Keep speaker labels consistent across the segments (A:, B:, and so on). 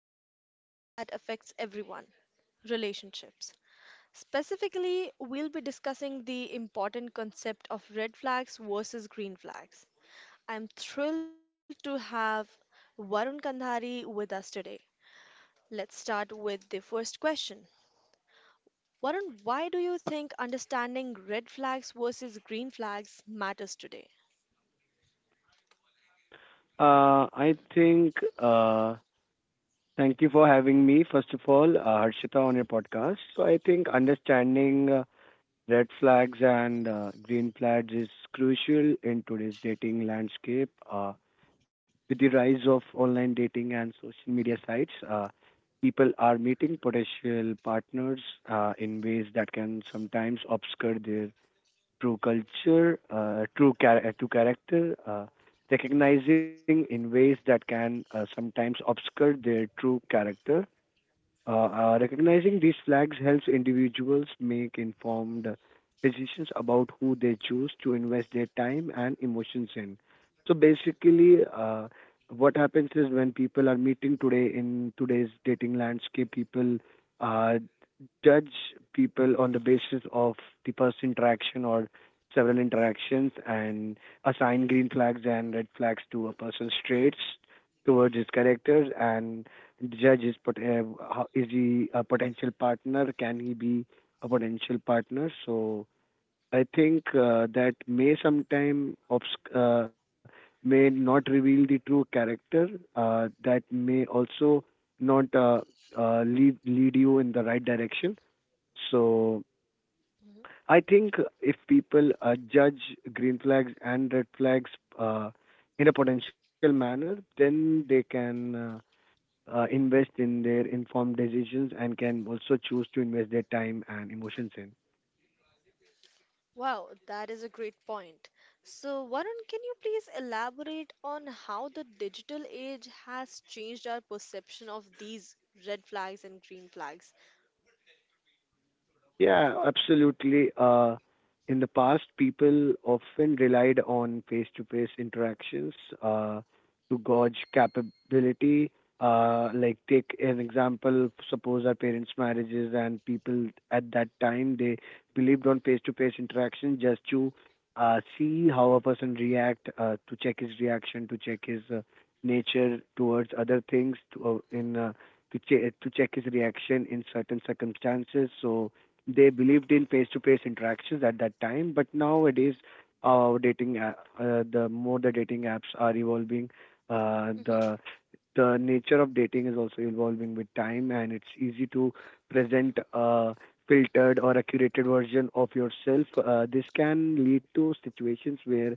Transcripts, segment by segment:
A: into a topic that affects everyone relationships. Specifically, we'll be discussing the important concept of red flags versus green flags. I'm thrilled to have Varun Kandhari with us today. Let's start with the first question. Varun, why do you think understanding red flags versus green flags matters today?
B: I think, thank you for having me, first of all, Harshita, on your podcast. So I think understanding red flags and green flags is crucial in today's dating landscape. With the rise of online dating and social media sites, people are meeting potential partners in ways that can sometimes obscure their True culture, true char- through character, recognizing in ways that can sometimes obscure their true character recognizing these flags helps individuals make informed decisions about who they choose to invest their time and emotions in. So basically, what happens is when people are meeting today in today's dating landscape, people uh, judge people on the basis of the first interaction or several interactions and assign green flags and red flags to a person's traits towards his characters, and the judge is pot- how, is he a potential partner, can he be a potential partner? So I think that may sometime obsc- may not reveal the true character. That may also not lead you in the right direction. So I think if people judge green flags and red flags uh, in a potential manner, then they can invest in their informed decisions and can also choose to invest their time and emotions in.
A: Wow, that is a great point. So, Varun, can you please elaborate on how the digital age has changed our perception of these red flags and green flags?
B: Yeah, absolutely. In the past, people often relied on face-to-face interactions uh, to gauge capability. Like take an example, suppose our parents' marriages and people at that time, they believed on face-to-face interaction just to see how a person react, to check his reaction, to check his nature towards other things, uh, in uh, to check his reaction in certain circumstances. So they believed in face-to-face interactions at that time, but nowadays,
A: Hmm.
B: dating app, the more the dating apps are evolving, uh,
A: Hmm.
B: the the nature of dating is also evolving with time, and it's easy to present a filtered or a curated version of yourself. This can lead to situations where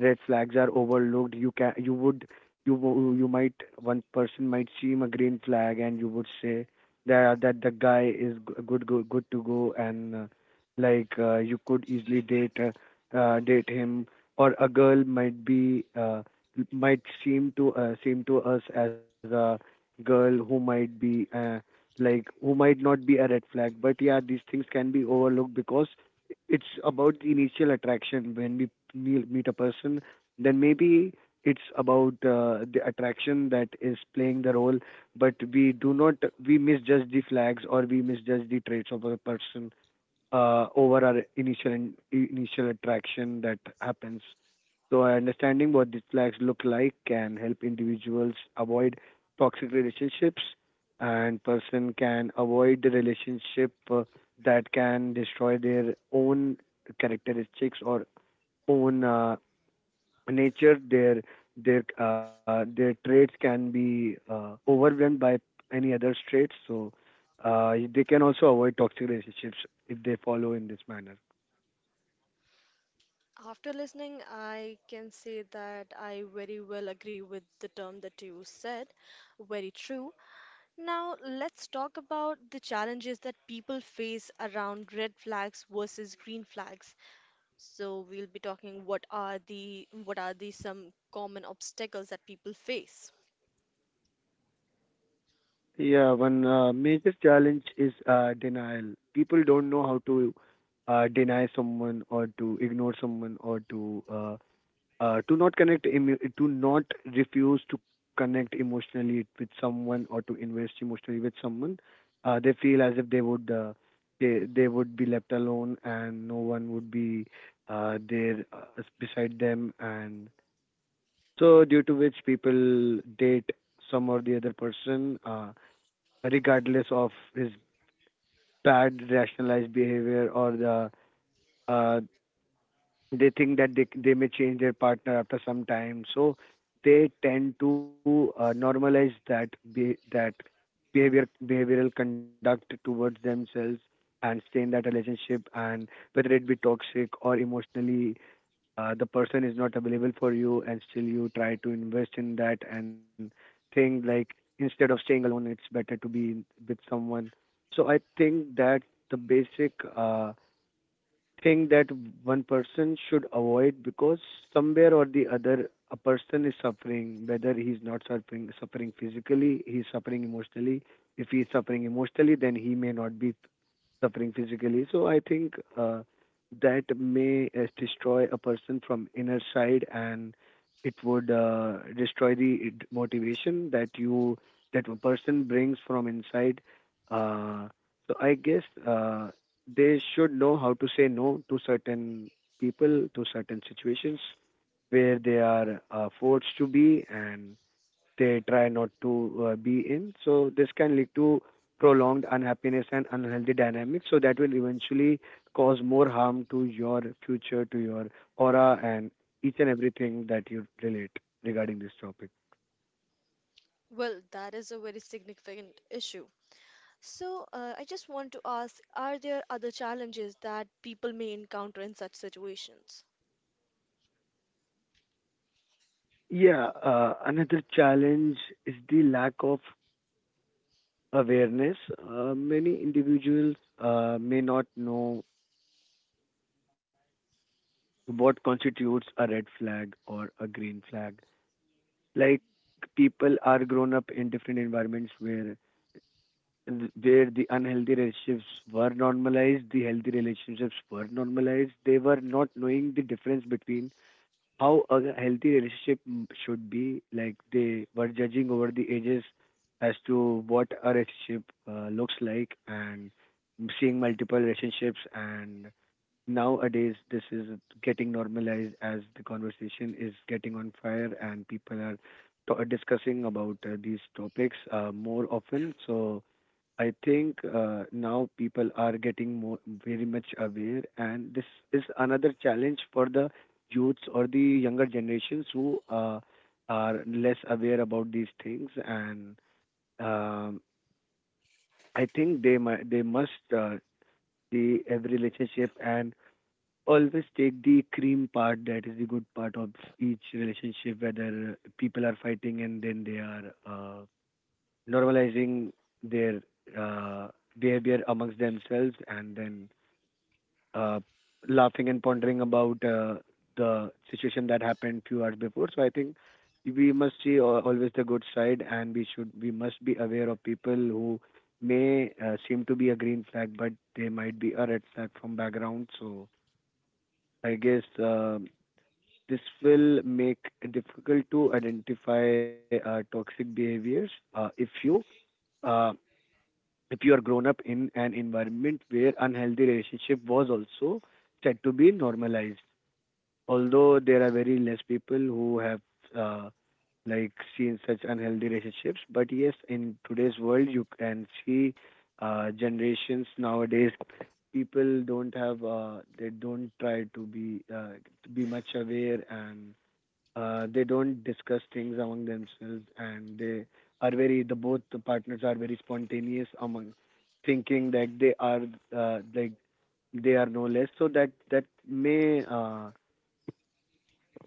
B: red flags are overlooked. You can, you would, you wo- You might, one person might seem a green flag, and you would say that the guy is good good to go, and you could easily date him, or a girl might be. Might seem to Seem to us as a girl who might be like who might not be a red flag, but yeah, these things can be overlooked because it's about the initial attraction when we meet a person. Then maybe it's about the attraction that is playing the role, but we do not, we misjudge the flags, or we misjudge the traits of a person over our initial attraction that happens. So, understanding what these flags look like can help individuals avoid toxic relationships, and person can avoid the relationship that can destroy their own characteristics or own nature. Their traits can be overwhelmed by any other traits. So, they can also avoid toxic relationships if they follow in this manner.
A: After listening, I can say that I very well agree with the term that you said. Very true. Now, let's talk about the challenges that people face around red flags versus green flags. So we'll be talking what are the some common obstacles that people face.
B: Yeah, one major challenge is denial. People don't know how to deny someone or to ignore someone or to not refuse to connect emotionally with someone or to invest emotionally with someone. They feel as if they would they would be left alone and no one would be there beside them, and so due to which people date some or the other person. Regardless of his bad rationalized behavior or the uh, they think that they may change their partner after some time, so they tend to that behavioral conduct towards themselves and stay in that relationship, and whether it be toxic or emotionally the person is not available for you and still you try to invest in that and think like, instead of staying alone, it's better to be in with someone. So I think that the basic thing that one person should avoid because somewhere or the other a person is suffering, whether he's not suffering, suffering physically, he's suffering emotionally. If he's suffering emotionally, then he may not be suffering physically. So I think that may destroy a person from inner side, and it would destroy the motivation that you, that a person brings from inside. Uh, so I guess they should know how to say no to certain people, to certain situations where they are forced to be and they try not to be in. So this can lead to prolonged unhappiness and unhealthy dynamics. So that will eventually cause more harm to your future, to your aura, and each and everything that you relate regarding this topic.
A: Well, that is a very significant issue. So I just want to ask, are there other challenges that people may encounter in such situations?
B: Yeah, another challenge is the lack of awareness. Many individuals may not know what constitutes a red flag or a green flag. Like people are grown up in different environments where where the unhealthy relationships were normalized, the healthy relationships were normalized. They were not knowing the difference between how a healthy relationship should be. Like they were judging over the ages as to what a relationship looks like, and seeing multiple relationships, and nowadays this is getting normalized as the conversation is getting on fire and people are discussing about these topics more often. So I think now people are getting more very much aware, and this is another challenge for the youths or the younger generations who are less aware about these things. And um, I think they must see every relationship and always take the cream part, that is the good part of each relationship, whether people are fighting and then they are normalizing their uh, behavior amongst themselves and then uh, laughing and pondering about the situation that happened few hours before. So I think we must always the good side, and we should, we must be aware of people who may seem to be a green flag but they might be a red flag from background. So I guess this will make it difficult to identify toxic behaviors uh, if you are grown up in an environment where unhealthy relationship was also said to be normalized. Although there are very less people who have uh, like seen such unhealthy relationships, but yes, in today's world you can see generations nowadays, people don't have they don't try to be much aware, and they don't discuss things among themselves, and they are very, the both the partners are very spontaneous among thinking that they are like they are no less, so that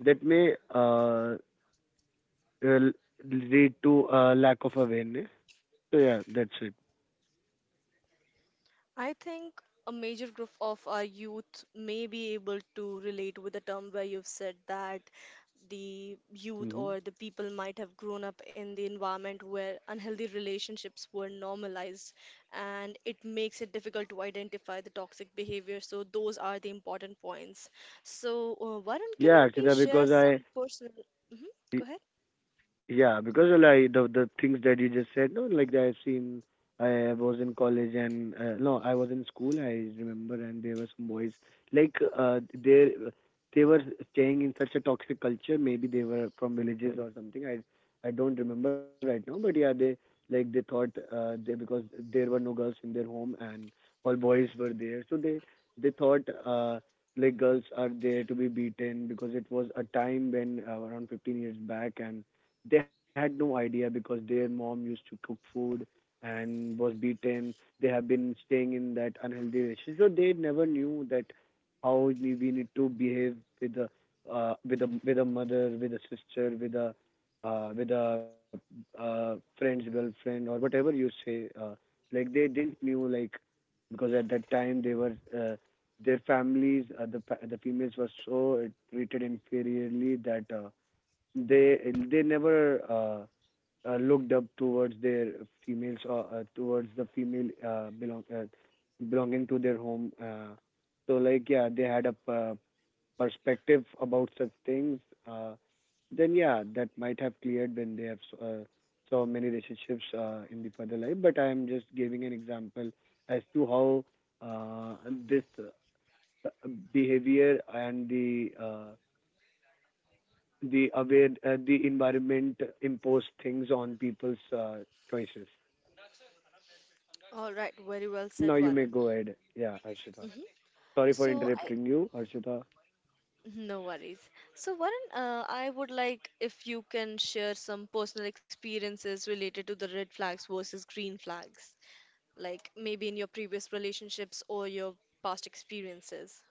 B: that may l- lead to a lack of awareness. So yeah, that's it.
A: I think a major group of our youth may be able to relate with the term where you've said that the youth
B: hmm
A: or the people might have grown up in the environment where unhealthy relationships were normalized and it makes it difficult to identify the toxic behavior. So, those are the important points. So, Varun, can
B: yeah
A: you
B: akshita
A: please
B: because
A: share
B: i
A: some personal? Mhm. Go ahead.
B: Yeah, because like the things that you just said, no, like I've seen. I was in college and no, I was in school. I remember, and there were some boys like they were staying in such a toxic culture. Maybe they were from villages or something. I don't remember right now, but yeah, they, like they thought they, because there were no girls in their home and all boys were there, so they thought like girls are there to be beaten because it was a time when around 15 years back, and they had no idea because their mom used to cook food and was beaten. They have been staying in that unhealthy relationship, so they never knew that how we need to behave with a with a mother, with a sister, with a uh, with a friend's girlfriend or whatever you say. Like they didn't knew like, because at that time they were their families, the females were so treated inferiorly that they they never looked up towards their females, or towards the female belonging to their home. So like yeah, they had a perspective about such things. Uh, then yeah, that might have cleared when they have so many relationships in the further life. But I am just giving an example as to how uh, this behavior and the aware the environment impose things on people's choices.
A: All right, very well said,
B: Now you
A: Varun.
B: may go ahead. Yeah, Arshita.
A: Mhm.
B: Sorry for
A: So I
B: interrupting you, Arshita.
A: No worries. So, Varun, I would like if you can share some personal experiences related to the red flags versus green flags, like maybe in your previous relationships or your past experiences.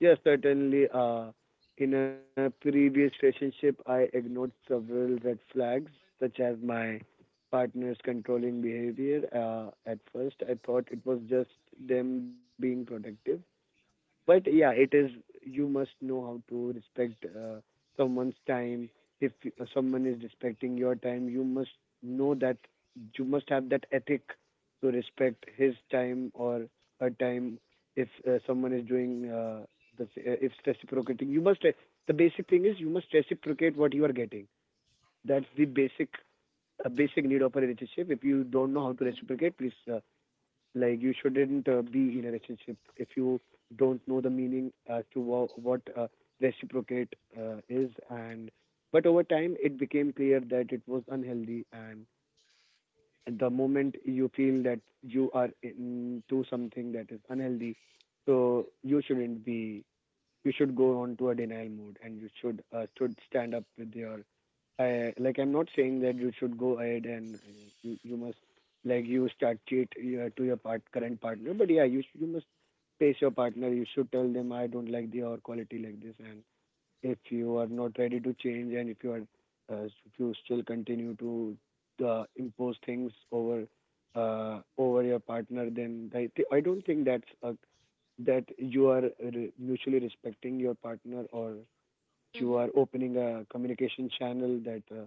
B: Yes, certainly. In a previous relationship, I ignored several red flags, such as my partner's controlling behavior. At first, I thought it was just them being protective. But yeah, it is, you must know how to respect someone's time. If someone is respecting your time, you must know that you must have that ethic to respect his time or her time. If someone is doing if reciprocating, you must, the basic thing is you must reciprocate what you are getting. That's the basic a basic need of a relationship. If you don't know how to
A: Hmm.
B: reciprocate, please, like you shouldn't be in a relationship. If you don't know the meaning as to what reciprocate is, and but over time it became clear that it was unhealthy. And at the moment you feel that you are into something that is unhealthy, so you shouldn't be you should go on to a denial mode and you should stand up with your I'm not saying that you should go ahead and you must like you start cheat to your part current partner, but yeah, you must face your partner. You should tell them I don't like the or quality like this, and if you are not ready to change, and if you are if you still continue to impose things over over your partner, then I don't think that's a that you are mutually respecting your partner or you are
A: Hmm.
B: opening a communication channel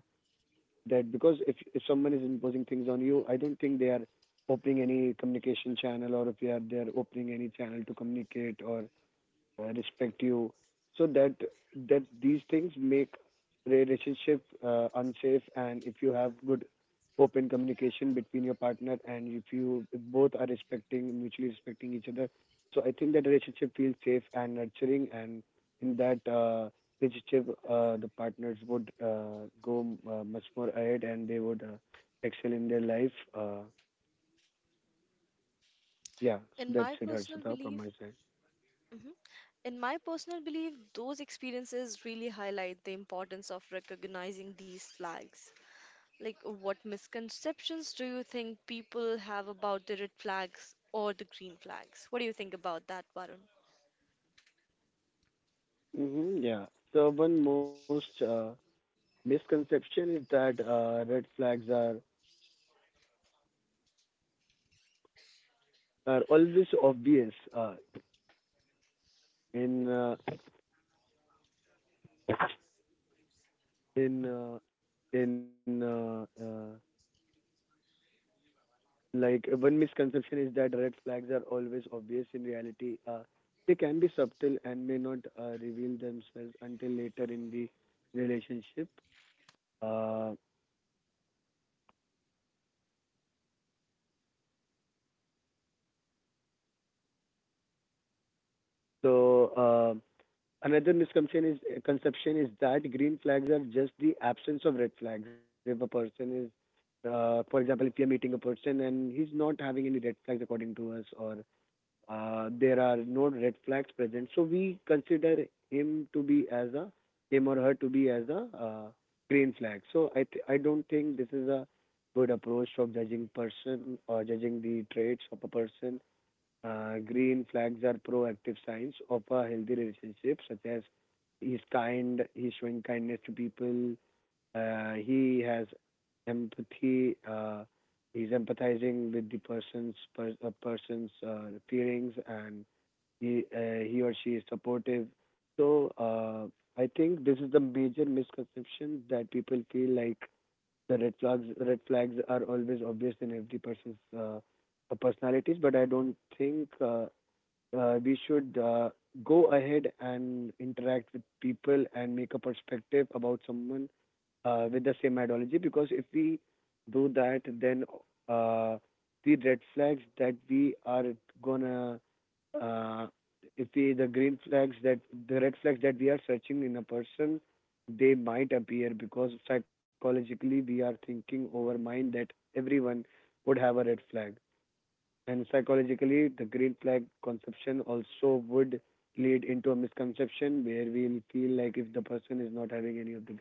B: that because if someone is imposing things on you, I don't think they are opening any communication channel, or if they are, they are opening any channel to communicate or respect you. So that that these things make relationship unsafe. And if you have good open communication between your partner, and if you if both are respecting mutually respecting each other, so I think that relationship feels safe and nurturing. And in that relationship the partners would go much more ahead and they would excel in their life. Yeah, so
A: In
B: that's
A: my
B: it,
A: personal
B: Harshita, from
A: belief,
B: my side.
A: hmm, in my personal belief, those experiences really highlight the importance of recognizing these flags. Like, what misconceptions do you think people have about the red flags or the green flags? What do you think about that, Varun?
B: Yeah, so one most misconception is that red flags are always obvious in uh, in uh, in like one misconception is that red flags are always obvious. In reality they can be subtle and may not reveal themselves until later in the relationship. uh, so uh, Another misconception is that green flags are just the absence of red flags. If a person is, for example, if you're meeting a person and he's not having any red flags according to us, or there are no red flags present, so we consider him to be as a him or her to be as a green flag. So I don't think this is a good approach of judging person or judging the traits of a person. Green flags are proactive signs of a healthy relationship, such as he's kind, he's showing kindness to people, he has empathy, he's empathizing with the person's feelings, and he or she is supportive. So I think this is the major misconception that people feel like the red flags are always obvious in every person's personalities, but I don't think we should go ahead and interact with people and make a perspective about someone with the same ideology. Because if we do that, then uh, the red flags that we are gonna uh, if we the green flags that the red flags that we are searching in a person, they might appear because psychologically we are thinking over mind that everyone would have a red flag. And psychologically, the green flag conception also would lead into a misconception where we'll feel like if the person is not having any of the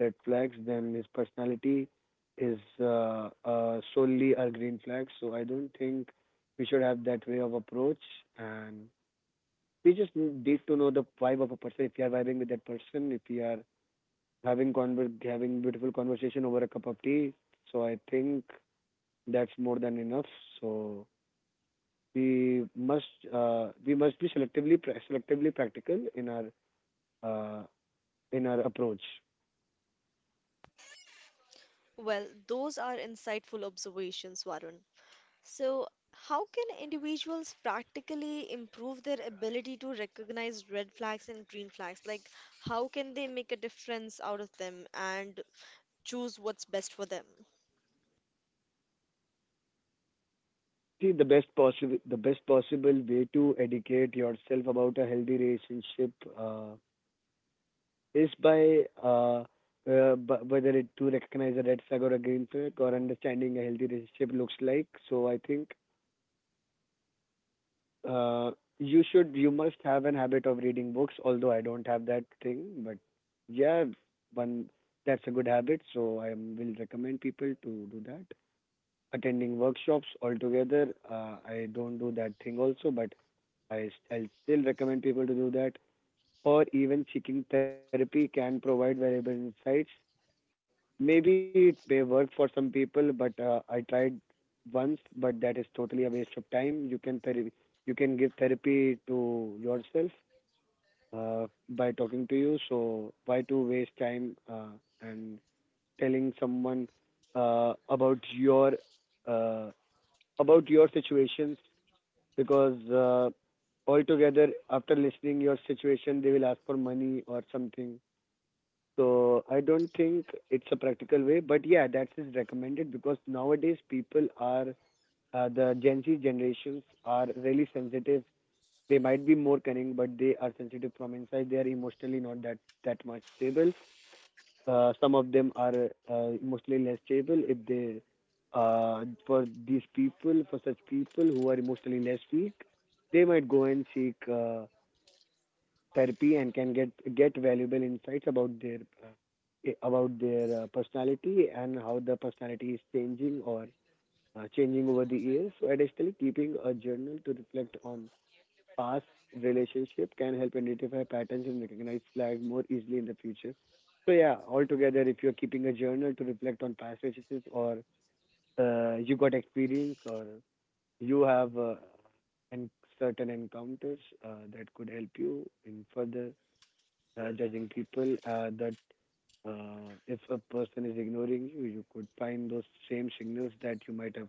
B: red flags, then his personality is solely a green flag. So I don't think we should have that way of approach. And we just need to know the vibe of a person. If you are vibing with that person, if you are having beautiful conversation over a cup of tea, so I think that's more than enough. So we must we must be selectively practical uh, in our approach.
A: Well, those are insightful observations, Varun. So, how can individuals practically improve their ability to recognize red flags and green flags? Like, how can they make a difference out of them and choose what's best for them?
B: See, the best possible way to educate yourself about a healthy relationship uh, is by whether it to recognize a red flag or a green flag or understanding a healthy relationship looks like. So I think Uh, you must have an habit of reading books, although I don't have that thing. But yeah, one, that's a good habit. So I will recommend people to do that. Attending workshops altogether, I don't do that thing also, but I'll still recommend people to do that. Or even seeking therapy can provide valuable insights. Maybe it may work for some people, but I tried once, but that is totally a waste of time. You can therapy, you can give therapy to yourself by talking to you. So why to waste time and telling someone uh, about your uh, about your situations, because altogether after listening your situation they will ask for money or something. So I don't think it's a practical way, but yeah, that is recommended because nowadays people are the Gen Z generations are really sensitive. They might be more cunning, but they are sensitive from inside. They are emotionally not that much stable. Some of them are emotionally less stable. If they for such people who are emotionally less weak, they might go and seek therapy and can get valuable insights about their about their personality and how the personality is changing or changing over the years. So additionally, keeping a journal to reflect on past relationship can help identify patterns and recognize flags more easily in the future. So yeah, altogether, if you're keeping a journal to reflect on past relationships or you got experience or you have and certain encounters that could help you in further judging people. The If a person is ignoring you, you could find those same signals that you might have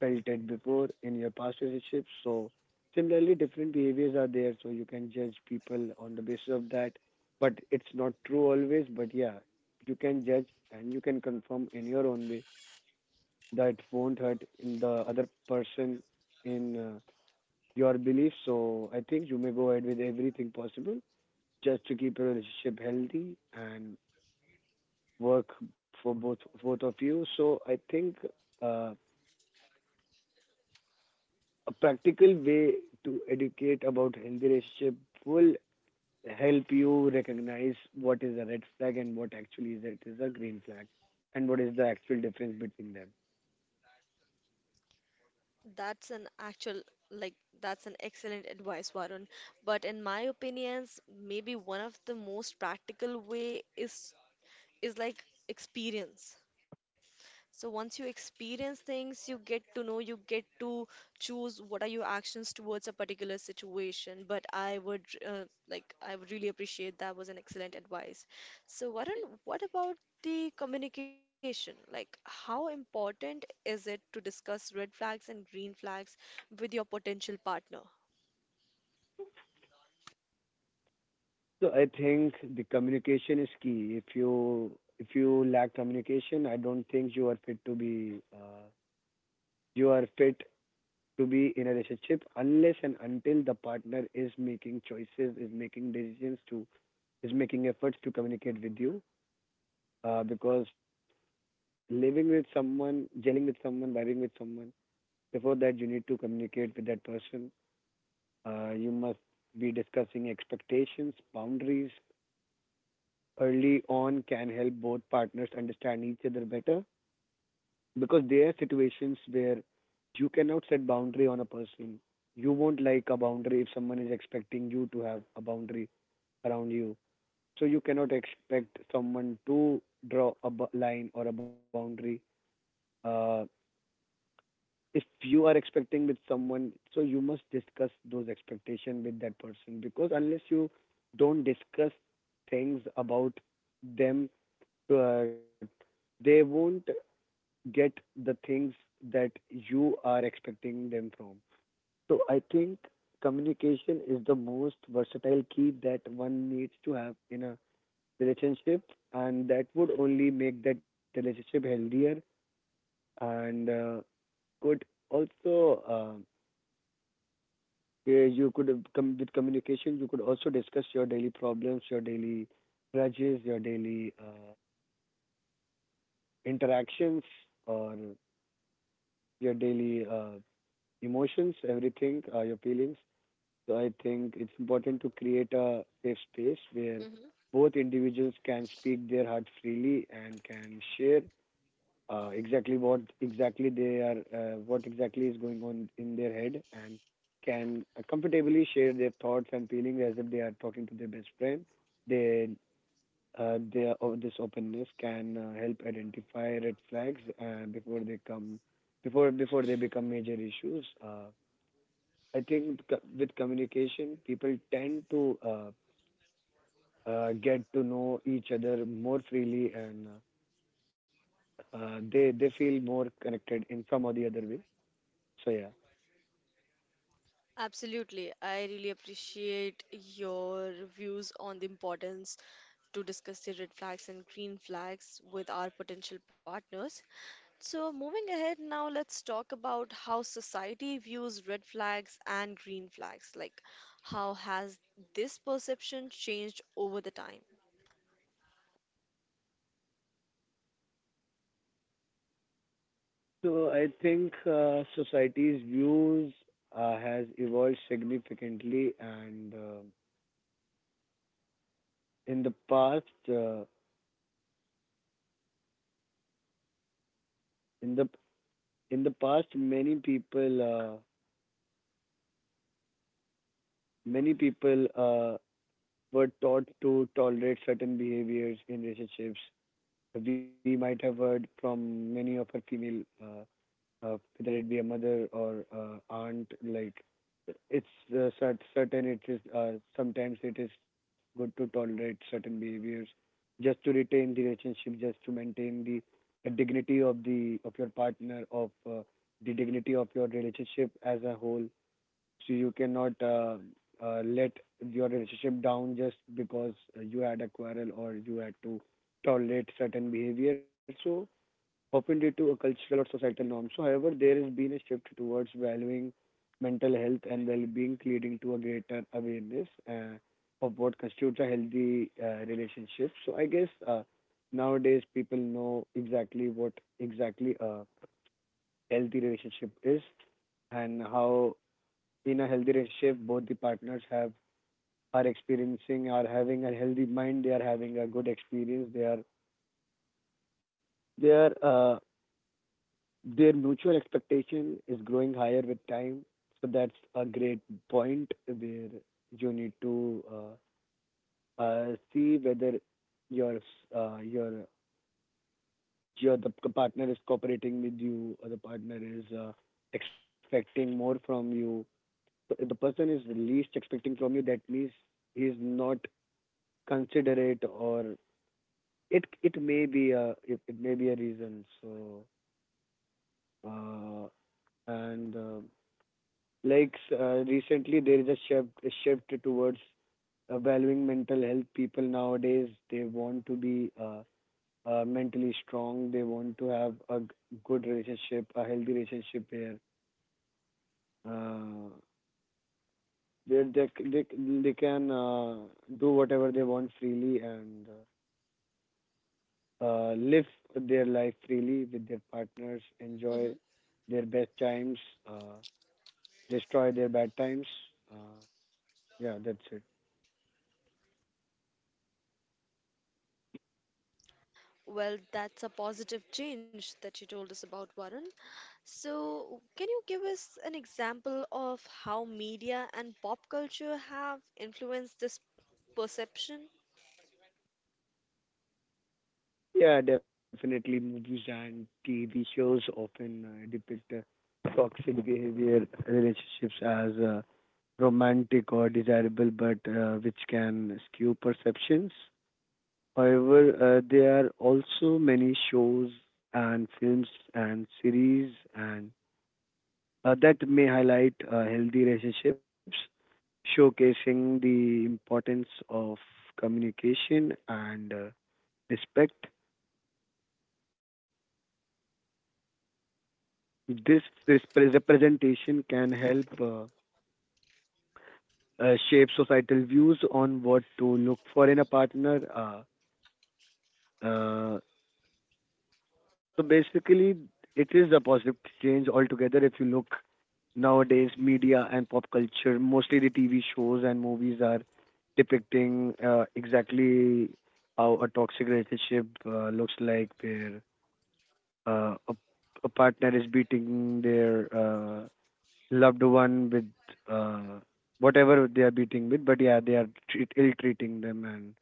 B: felt it before in your past relationships. So, similarly, different behaviors are there, so you can judge people on the basis of that. But it's not true always, but yeah, you can judge and you can confirm in your own way that won't hurt in the other person in your belief. So, I think you may go ahead with everything possible just to keep your relationship healthy and work for both of you. So I think uh, a practical way to educate about healthy relationship will help you recognize what is a red flag and what actually is it is a green flag and what is the actual difference between them.
A: That's an actual, like, that's an excellent advice, Varun. But in my opinions, maybe one of the most practical way is like experience. So once you experience things, you get to know, you get to choose what are your actions towards a particular situation. But I would like I would really appreciate that was an excellent advice. So Varun, what about the communication? Like how important is it to discuss red flags and green flags with your potential partner?
B: So I think the communication is key. If you lack communication, I don't think you are fit to be in a relationship unless and until the partner is making choices, is making efforts to communicate with you, because living with someone, gelling with someone, vibing with someone, before that you need to communicate with that person. You must be discussing expectations, boundaries. Early on can help both partners understand each other better. Because there are situations where you cannot set boundary on a person. You won't like a boundary if someone is expecting you to have a boundary around you. So you cannot expect someone to draw a line or a boundary. Uh, if you are expecting with someone, so you must discuss those expectation with that person, because unless you don't discuss things about them, uh, they won't get the things that you are expecting them from. So I think communication is the most versatile key that one needs to have in a relationship, and that would only make that relationship healthier and could also yeah, you could have come with communication. You could also discuss your daily problems, your daily grudges, your daily interactions, or your daily emotions, everything, your feelings. So I think it's important to create a safe space where both individuals can speak their heart freely and can share exactly what exactly they are, what exactly is going on in their head, and can comfortably share their thoughts and feelings as if they are talking to their best friend. they this openness can help identify red flags before they come, before they become major issues. I think with communication people tend to get to know each other more freely, and they feel more connected in some or the other way. So yeah.
A: Absolutely. I really appreciate your views on the importance to discuss the red flags and green flags with our potential partners. So, moving ahead now, let's talk about how society views red flags and green flags. Like, how has this perception changed over the time?
B: So I think society's views has evolved significantly, and in the past, uh, in the in the past, many people were taught to tolerate certain behaviors in relationships. We might have heard from many of our female, whether it be a mother or aunt, like it's certain, it is, sometimes it is good to tolerate certain behaviors just to retain the relationship, just to maintain the dignity of the, of your partner, of the dignity of your relationship as a whole. So you cannot let your relationship down just because you had a quarrel or you had to tolerate certain behavior, so often due to a cultural or societal norm. So, however, there has been a shift towards valuing mental health and well-being, leading to a greater awareness of what constitutes a healthy relationship. So, I guess nowadays people know exactly what exactly a healthy relationship is, and how in a healthy relationship both the partners have, are experiencing, are having a healthy mind, they are having a good experience, they are, they are uh, their mutual expectation is growing higher with time. So that's a great point where you need to uh, see whether your uh, your your the partner is cooperating with you or the partner is expecting more from you. So if the person is least expecting from you, that means he is not considerate, or it may be a, it may be a reason. So uh, and like recently there is a shift, a shift towards valuing mental health. People nowadays they want to be mentally strong, they want to have a good relationship, a healthy relationship uh, where they can do whatever they want freely and live their life freely with their partners,
A: Mm-hmm.
B: enjoy their best times, uh, destroy their bad times, uh, yeah that's it.
A: Well, that's a positive change that you told us about, Varun. So, can you give us an example of how media and pop culture have influenced this perception?
B: Yeah, definitely. Movies and TV shows often depict toxic behavior relationships as romantic or desirable, but which can skew perceptions. However, there are also many shows and films and series, and that may highlight healthy relationships, showcasing the importance of communication and respect. This representation can help shape societal views on what to look for
A: Mhm.
B: in a partner. Uh, so basically, it is a positive change altogether. If you look nowadays, media and pop culture, mostly the TV shows and movies, are depicting exactly how a toxic relationship looks like, where uh, a, a partner is beating their loved one with uh, whatever they are beating with, but yeah, they are treat, ill-treating them, and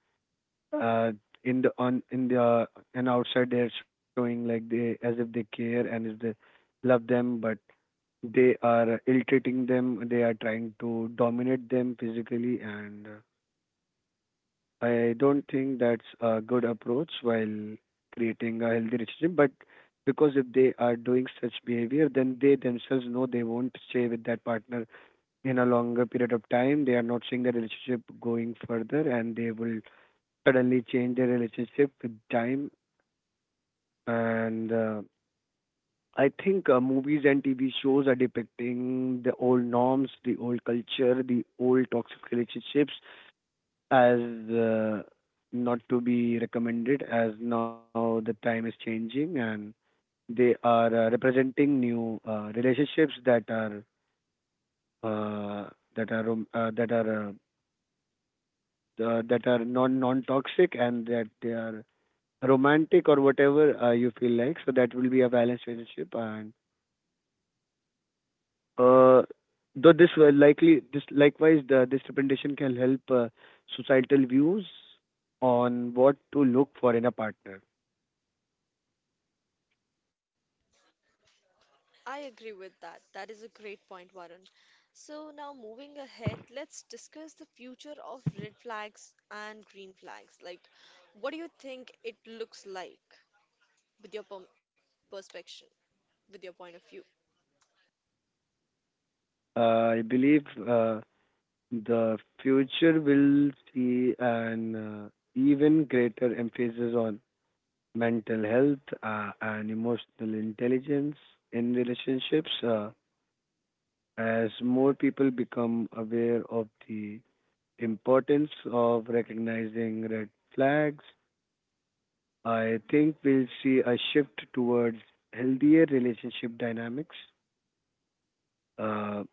B: uh, in the, on, in the, and outside they are showing like they, as if they care and if they love them, but they are ill-treating them. They are trying to dominate them physically, and I don't think that's a good approach while creating a healthy relationship. But because if they are doing such behavior, then they themselves know they won't stay with that partner in a longer period of time, they are not seeing the relationship going further, and they will suddenly change their relationship with time. And I think movies and TV shows are depicting the old norms, the old culture, the old toxic relationships as uh, not to be recommended, as now the time is changing, and they are representing new relationships that are uh, that are that are that are non toxic, and that they are romantic or whatever you feel like. So that will be a balanced relationship. And uh, though this will likely, this representation can help societal views on what to look for in a partner.
A: I agree with that. That is a great point, Varun. So, now moving ahead, let's discuss the future of red flags and green flags. Like, what do you think it looks like with your perspective, with your point of view?
B: I believe the future will see an even greater emphasis on mental health and emotional intelligence in relationships. As more people become aware of the importance of recognizing red flags, I think we'll see a shift towards healthier relationship dynamics. Uh,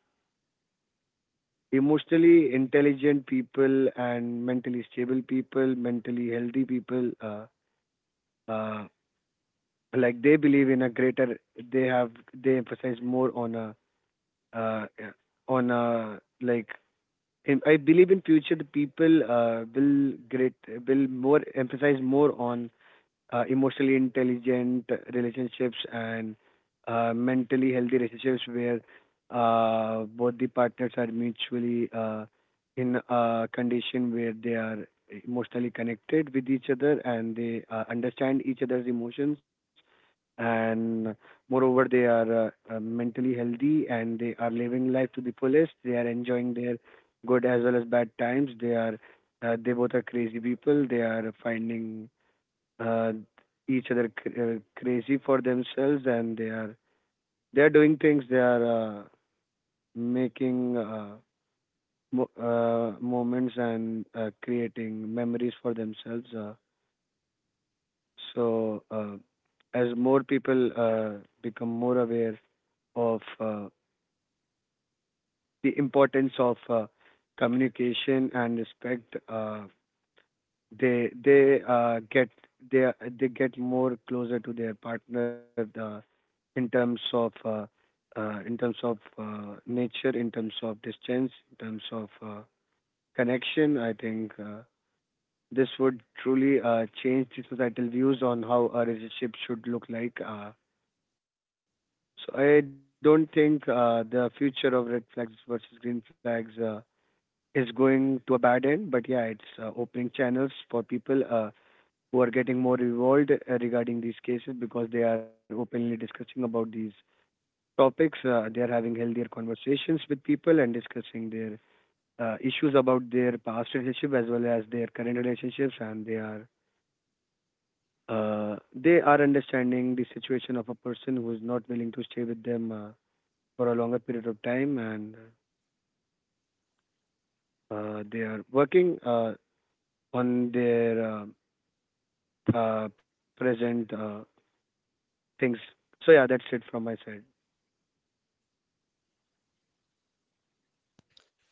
B: Emotionally intelligent people and mentally stable people, mentally healthy people, uh, like they believe in a greater, they have, they emphasize more on a, uh, on a, like, I believe in future the people will great, will more emphasize more on emotionally intelligent relationships and mentally healthy relationships where both the partners are mutually in a condition where they are emotionally connected with each other and they understand each other's emotions, and moreover they are mentally healthy and they are living life to the fullest, they are enjoying their good as well as bad times, they are they both are crazy people, they are finding uh, each other crazy for themselves, and they are, they are doing things, they are making moments and creating memories for themselves. So, as more people become more aware of the importance of communication and respect, they get, they they get more closer to their partner in terms of uh, in terms of nature, in terms of distance, in terms of connection. I think this would truly change the societal views on how a relationship should look like. So I don't think the future of red flags versus green flags is going to a bad end, but yeah, it's opening channels for people who are getting more involved regarding these cases because they are openly discussing about these topics. They are having healthier conversations with people and discussing their issues about their past relationship as well as their current relationships, and they are understanding the situation of a person who is not willing to stay with them, for a longer period of time, and they are working on their present things. So yeah, that's it from my side.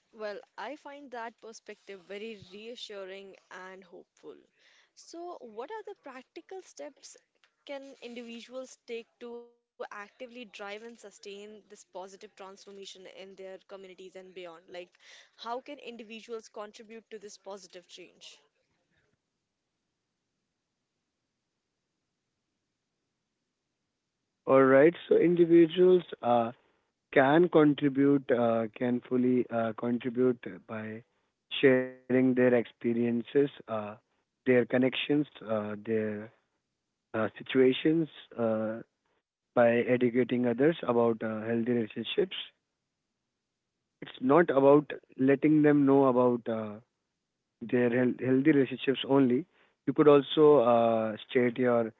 A: Well, I find that perspective very reassuring and hopeful. So, what are the practical steps can individuals take to actively drive and sustain this positive transformation in their communities and beyond? Like, how can individuals contribute to this positive change?
B: All right. So individuals can contribute, can fully contribute by sharing their experiences, their connections, their situations, uh, by educating others about healthy relationships. It's not about letting them know about their healthy relationships only. You could also state your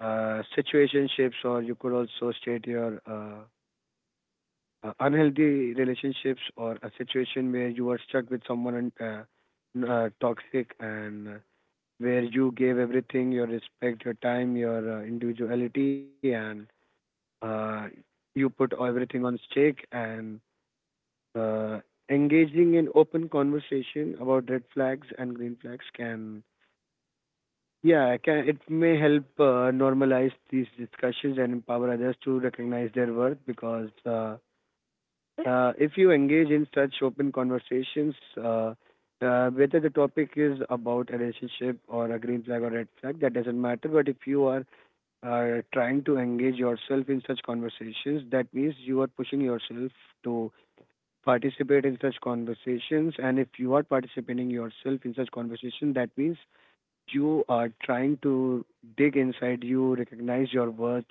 B: situationships, or you could also state your unhealthy relationships, or a situation where you were stuck with someone and toxic, and where you gave everything, your respect, your time, your individuality, and uh, you put everything on stake, and uh, engaging in open conversation about red flags and green flags can, yeah, I can, it may help normalize these discussions and empower others to recognize their worth. Because if you engage in such open conversations, uh, whether the topic is about a relationship or a green flag or red flag, that doesn't matter. But if you are trying to engage yourself in such conversations, that means you are pushing yourself to participate in such conversations. And if you are participating yourself in such conversations, that means you are trying to dig inside, you recognize your worth,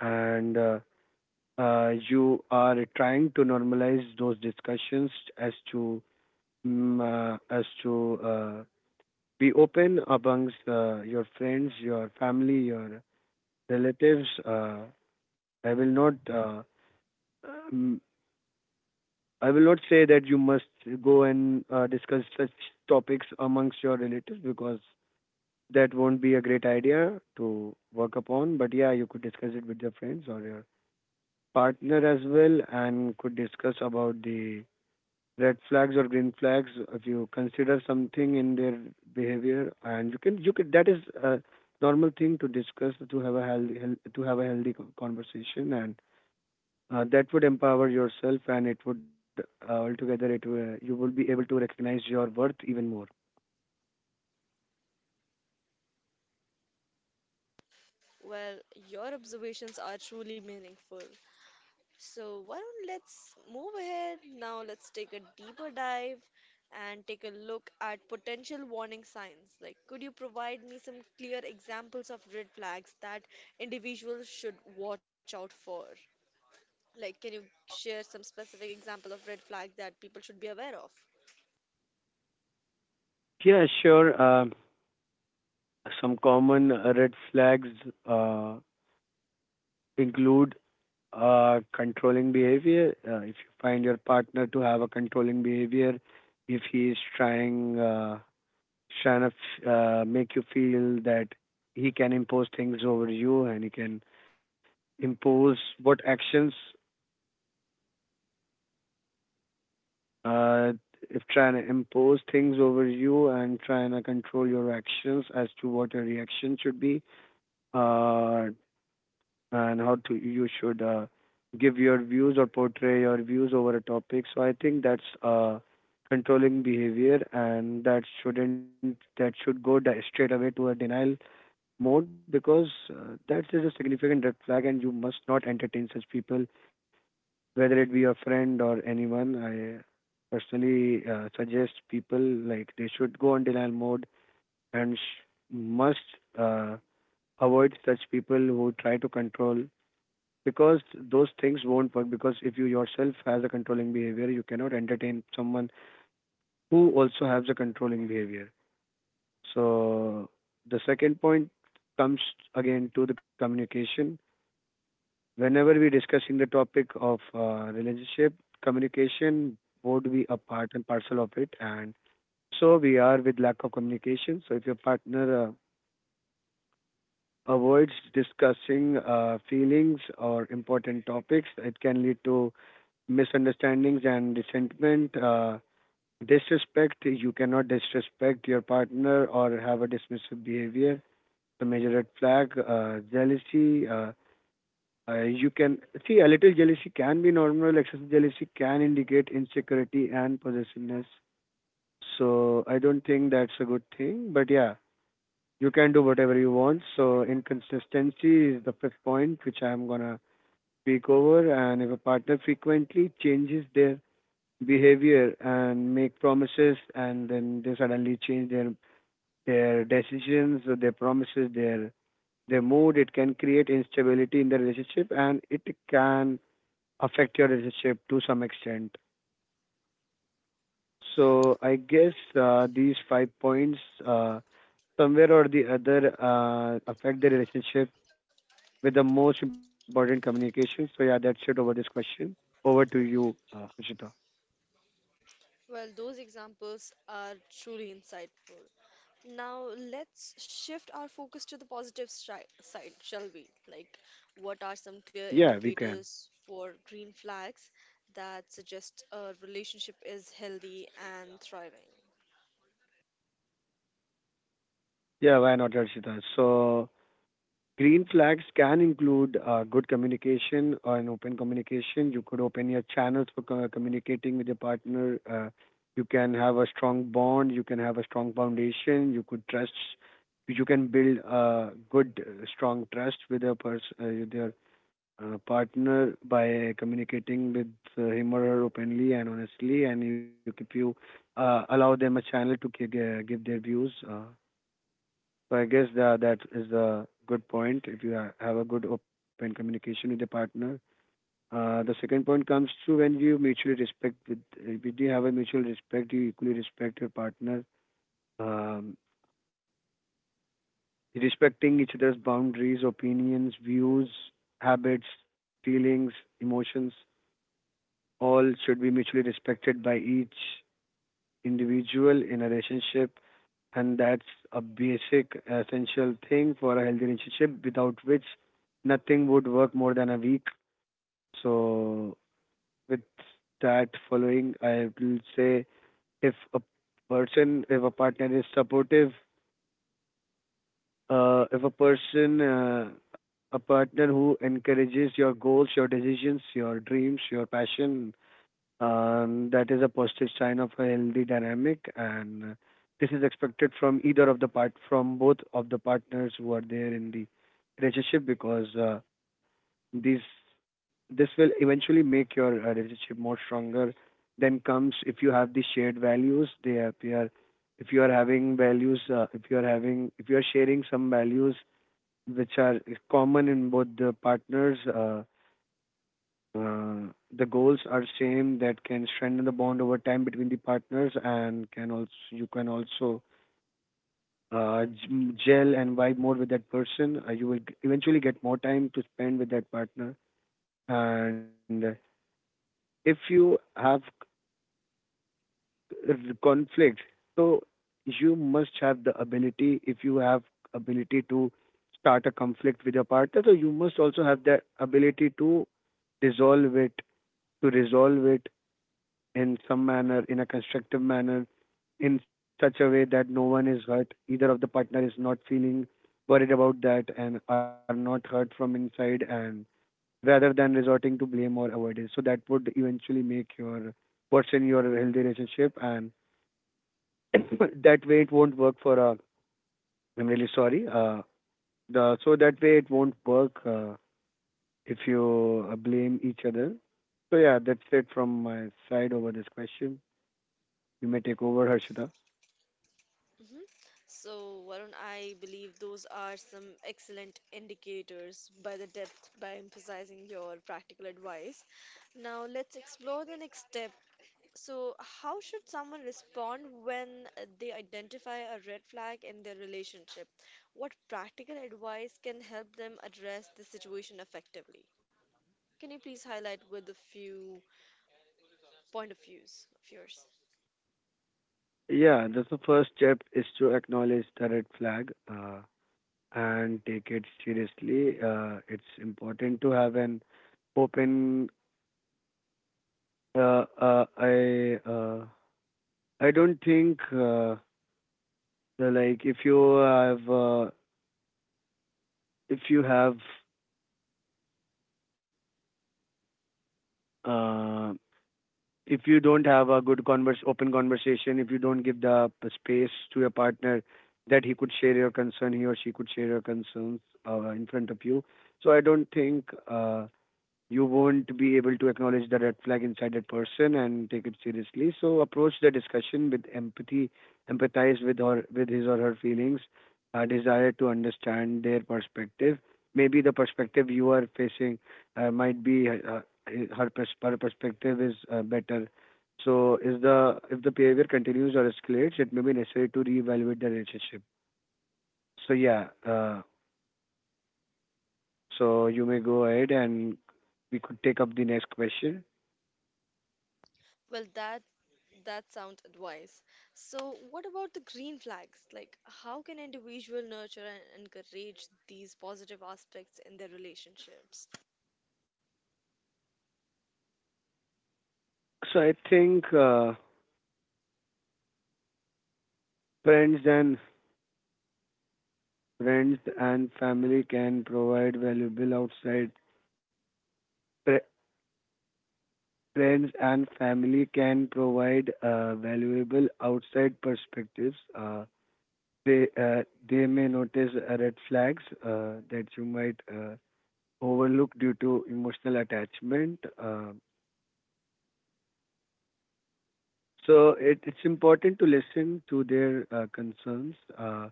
B: and you are trying to normalize those discussions as to as to be open amongst your friends, your family, your relatives. I will not. Um, I will not say that you must go and discuss such topics amongst your relatives because that won't be a great idea to work upon, but yeah, you could discuss it with your friends or your partner as well, and could discuss about the red flags or green flags if you consider something in their behavior, and you could, that is a normal thing to discuss, to have a to have a healthy conversation, and that would empower yourself, and it would, altogether it will, you will be able to recognize your worth even more.
A: Well, your observations are truly meaningful. So, why don't let's move ahead now? Let's take a deeper dive and take a look at potential warning signs. Like, could you provide me some clear examples of red flags that individuals should watch out for? Like, can you share some specific example of red flag that people should be aware of?
B: Yeah, sure. Some common red flags uh, include controlling behavior. If you find your partner to have a controlling behavior, if he is trying trying to make you feel that he can impose things over you and he can impose what actions, uh, if trying to impose things over you and trying to control your actions as to what your reaction should be, uh and how to, you should give your views or portray your views over a topic. So I think that's controlling behavior, and that shouldn't that should go straight away to a denial mode because that is a significant red flag, and you must not entertain such people, whether it be a friend or anyone. I personally suggest people like they should go on denial mode and must uh, avoid such people who try to control because those things won't work because if you yourself has a controlling behavior you cannot entertain someone who also has a controlling behavior. So the second point comes again to the communication. Whenever we're discussing the topic of relationship, communication would be a part and parcel of it, and so we are with lack of communication. So if your partner avoids discussing feelings or important topics, it can lead to misunderstandings and resentment. Disrespect, you cannot disrespect your partner or have a dismissive behavior. The major red flag, jealousy. You can see a little jealousy can be normal. Excessive jealousy can indicate insecurity and possessiveness. So I don't think that's a good thing. But yeah, you can do whatever you want. So inconsistency is the fifth point which I'm gonna speak over. And if a partner frequently changes their behavior and make promises, and then they suddenly change their decisions, their promises, their mood, it can create instability in the relationship, and it can affect your relationship to some extent. So I guess these five points uh, somewhere or the other affect the relationship with the most important communication. So yeah, that's it over this question. Over to you, Rishita.
A: Well, those examples are truly insightful. Now, let's shift our focus to the positive side, shall we? Like, what are some clear
B: Yeah, we can.
A: indicators for green flags that suggest a relationship is healthy and thriving?
B: Yeah, why not, Rishita? So green flags can include good communication or an open communication. You could open your channels for communicating with your partner. You can have a strong bond. You can have a strong foundation. You could trust. You can build a good, strong trust with a person, with your partner by communicating with him or her openly and honestly, and you if you allow them a channel to give their views. So I guess that is a good point if you have a good open communication with the partner. The second point comes to when you mutually respect. With, if you have a mutual respect, you equally respect your partner, um, respecting each other's boundaries, opinions, views, habits, feelings, emotions, all should be mutually respected by each individual in a relationship. And that's a basic essential thing for a healthy relationship, without which nothing would work more than a week. So with that following, I will say, if a partner is supportive, if a person a partner who encourages your goals, your decisions, your dreams, your passion, and that is a positive sign of a healthy dynamic, and this is expected from either of the part from both of the partners who are there in the relationship because these this will eventually make your relationship more stronger. Then comes, if you have the shared values, they appear. If you are having values, if you are sharing some values which are common in both the partners, uh, the goals are same, that can strengthen the bond over time between the partners, and can also, you can also gel and vibe more with that person. You will eventually get more time to spend with that partner. And if you have c- r- conflict, so you must have the ability, if you have ability to start a conflict with your partner, so you must also have the ability to dissolve it, to resolve it, in some manner, in a constructive manner, in such a way that no one is hurt, either of the partner is not feeling worried about that and are not hurt from inside, and rather than resorting to blame or avoidance. So that would eventually make your person your healthy relationship. And that way it won't work for a— I'm really sorry. The So that way it won't work if you blame each other. So yeah, that's it from my side over this question. You may take over, Harshita.
A: Hmm. So, Varun, I believe those are some excellent indicators by the depth by emphasizing your practical advice. Now, let's explore the next step. So, how should someone respond when they identify a red flag in their relationship? What practical advice can help them address the situation effectively? Can you please highlight with a few point of views of yours?
B: Yeah, that's— the first step is to acknowledge the red flag and take it seriously. It's important to have an open. Uh, uh, I uh, I don't think like if you have if you have uh, if you don't have a good converse open conversation, if you don't give the space to your partner that he could share your concern, he or she could share your concerns in front of you. So I don't think. You won't be able to acknowledge the red flag inside that person and take it seriously. So approach the discussion with empathy, empathize with or with his or her feelings, desire to understand their perspective. Maybe the perspective you are facing might be her perspective is better. So is the— if the behavior continues or escalates, it may be necessary to reevaluate the relationship. So yeah, so you may go ahead and we could take up the next question.
A: Well, that that sound advice. So, what about the green flags? Like, how can individual nurture and encourage these positive aspects in their relationships?
B: So I think friends and friends and family can provide valuable outside— fr- friends and family can provide valuable outside perspectives. They they may notice red flags that you might overlook due to emotional attachment. So it's important to listen to their concerns, Uh,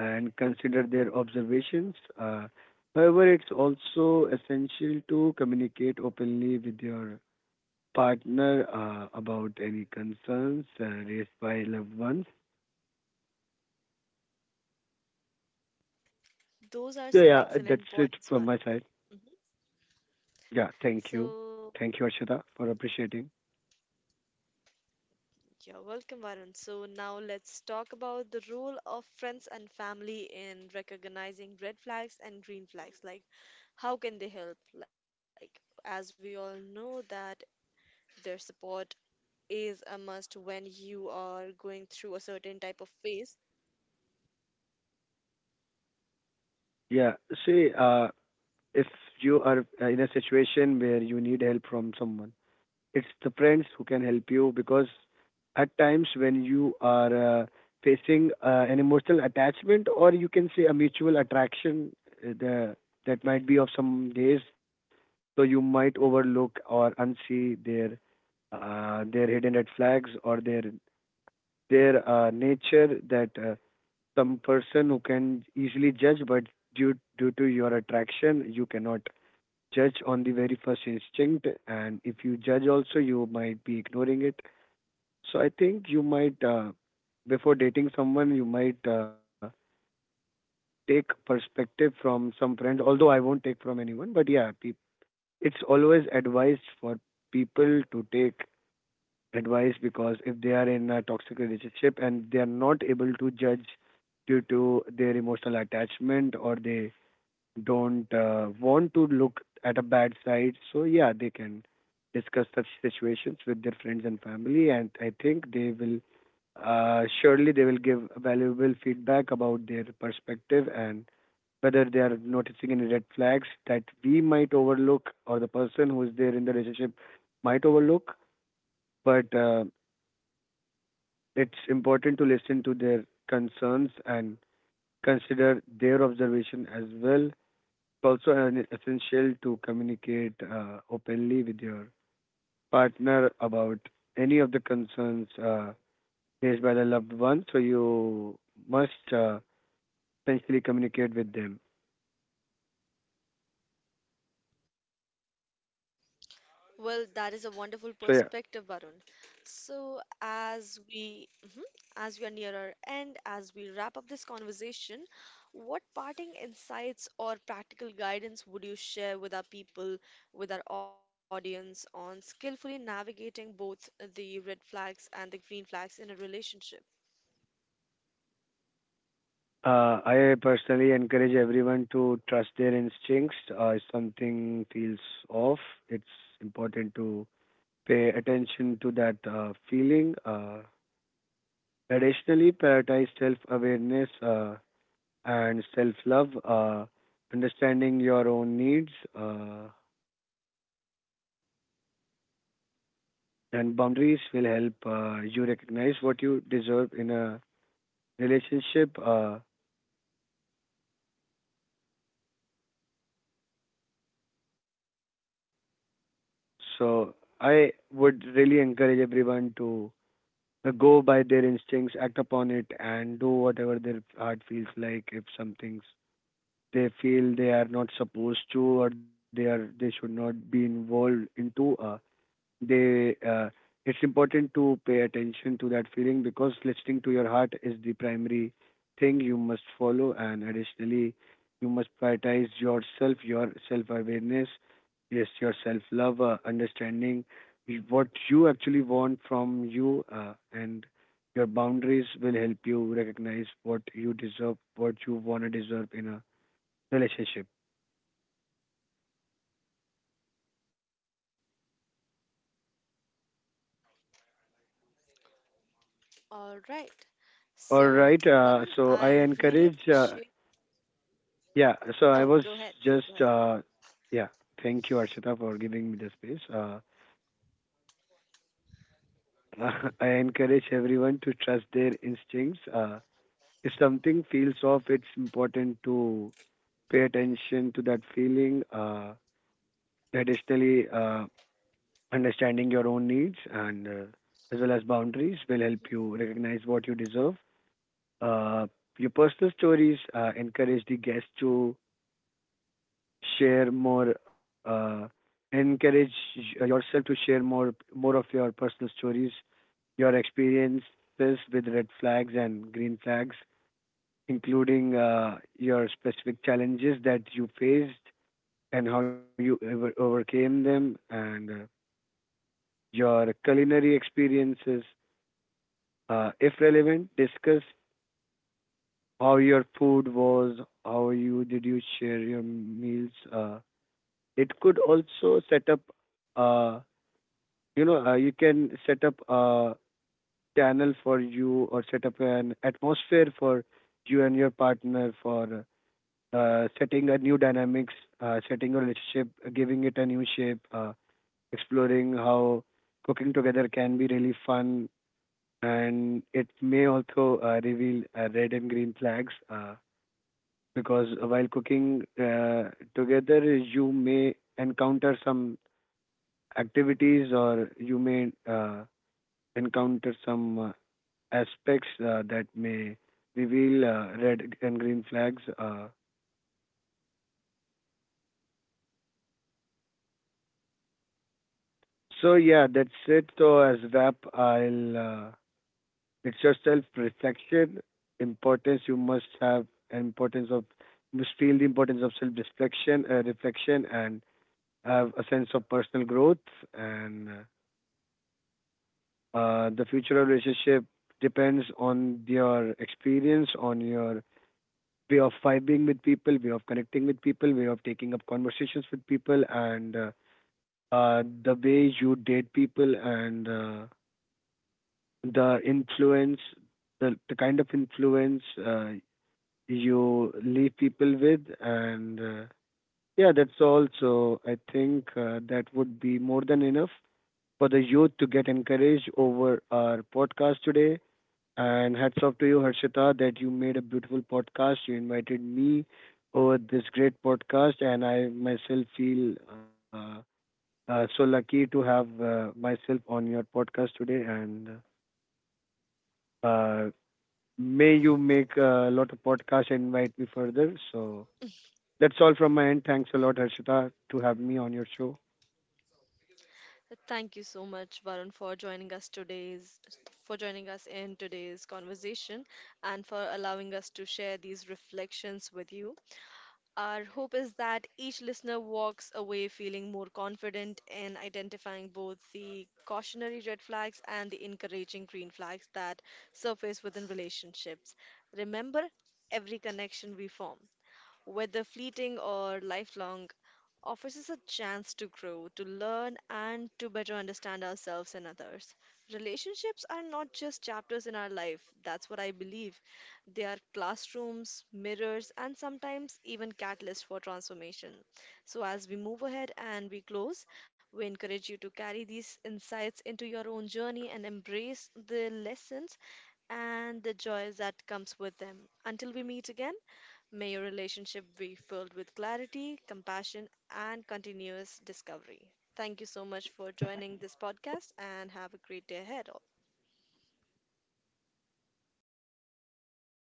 B: and consider their observations. However, it's also essential to communicate openly with your partner about any concerns raised by loved ones.
A: Those are
B: So,
A: some
B: yeah, that's
A: excellent
B: it
A: points,
B: from my
A: Varun.
B: side.
A: Mhm.
B: Yeah, thank you.
A: So,
B: Thank you, Arshita, for appreciating.
A: you're welcome, Varun. So now let's talk about the role of friends and family in recognizing red flags and green flags. Like, how can they help? Like, as we all know that their support is a must when you are going through a certain type of phase.
B: Yeah, see, if you are in a situation where you need help from someone, it's the friends who can help you because at times when you are facing an emotional attachment, or you can say a mutual attraction, uh, the, that might be of some days, so you might overlook or unsee their hidden red flags or their nature, that some person who can easily judge, but due to your attraction you cannot judge on the very first instinct, and if you judge also, you might be ignoring it. So I think you might, before dating someone, you might take perspective from some friends. Although I won't take from anyone, but yeah, peop— it's always advised for people to take advice because if they are in a toxic relationship and they are not able to judge due to their emotional attachment, or they don't want to look at a bad side. So yeah, they can discuss such situations with their friends and family, and I think they will surely they will give valuable feedback about their perspective and whether they are noticing any red flags that we might overlook or the person who is there in the relationship might overlook. But it's important to listen to their concerns and consider their observation as well, also an essential to communicate openly with your partner about any of the concerns faced by the loved one. So you must essentially communicate with them.
A: Well, that is a wonderful perspective,
B: So yeah,
A: Varun. So, as we are near our end, as we wrap up this conversation, what parting insights or practical guidance would you share with our people, with our audience on skillfully navigating both the red flags and the green flags in a relationship?
B: I personally encourage everyone to trust their instincts. If something feels off, it's important to pay attention to that feeling. Additionally, prioritize self-awareness and self love, understanding your own needs uh, and boundaries will help you recognize what you deserve in a relationship. So, I would really encourage everyone to go by their instincts, act upon it, and do whatever their heart feels like. If some things they feel they are not supposed to, or they are— they should not be involved into, they it's important to pay attention to that feeling because listening to your heart is the primary thing you must follow, and additionally you must prioritize yourself, your self awareness, yes, your self love, understanding what you actually want from you and your boundaries will help you recognize what you deserve, what you want to deserve in a relationship.
A: All right. So,
B: All right,
A: Varun, I
B: so I
A: really
B: encourage
A: appreciate.
B: Yeah. So
A: Oh,
B: I
A: go
B: was
A: ahead. Please go
B: just,
A: ahead.
B: yeah. Thank you, Archita, for giving me the space. I encourage everyone to trust their instincts. If something feels off, it's important to pay attention to that feeling. Additionally, understanding your own needs and as well as boundaries will help you recognize what you deserve. Uh, your personal stories encourage the guests to share more, encourage yourself to share more of your personal stories, your experiences with red flags and green flags, including your specific challenges that you faced and how you overcame them, and your culinary experiences. If relevant, discuss how your food was, how you did you share your meals. It could also set up uh, you can set up a channel for you, or set up an atmosphere for you and your partner for setting a new dynamics, setting a relationship, giving it a new shape, exploring how cooking together can be really fun, and it may also reveal red and green flags because while cooking together you may encounter some activities, or you may encounter some aspects that may reveal red and green flags. So yeah, that's it. So as wrap, I'll it's your self-reflection, importance you must have, and importance of— you must feel the importance of self-reflection, and have a sense of personal growth. And the future of relationship depends on your experience, on your way of vibing with people, way of connecting with people, way of taking up conversations with people, and the way you date people, and the influence, the kind of influence you leave people with, and yeah, that's all. So I think that would be more than enough for the youth to get encouraged over our podcast today. And hats off to you, Harshita, that you made a beautiful podcast. You invited me over this great podcast, and I myself feel so lucky to have myself on your podcast today. And uh, may you make a lot of podcasts and invite me further. So that's all from my end. Thanks a lot, Harshita, to have me on your show.
A: Thank you so much, Varun, for joining us in today's conversation and for allowing us to share these reflections with you. Our hope is that each listener walks away feeling more confident in identifying both the cautionary red flags and the encouraging green flags that surface within relationships. Remember, every connection we form, whether fleeting or lifelong, offers us a chance to grow, to learn, and to better understand ourselves and others. Relationships are not just chapters in our life, that's what I believe. They are classrooms, mirrors, and sometimes even catalysts for transformation. So, as we move ahead and we close, we encourage you to carry these insights into your own journey and embrace the lessons and the joys that comes with them. Until we meet again, may your relationship be filled with clarity, compassion, and continuous discovery. Thank you so much for joining this podcast and have a great day ahead.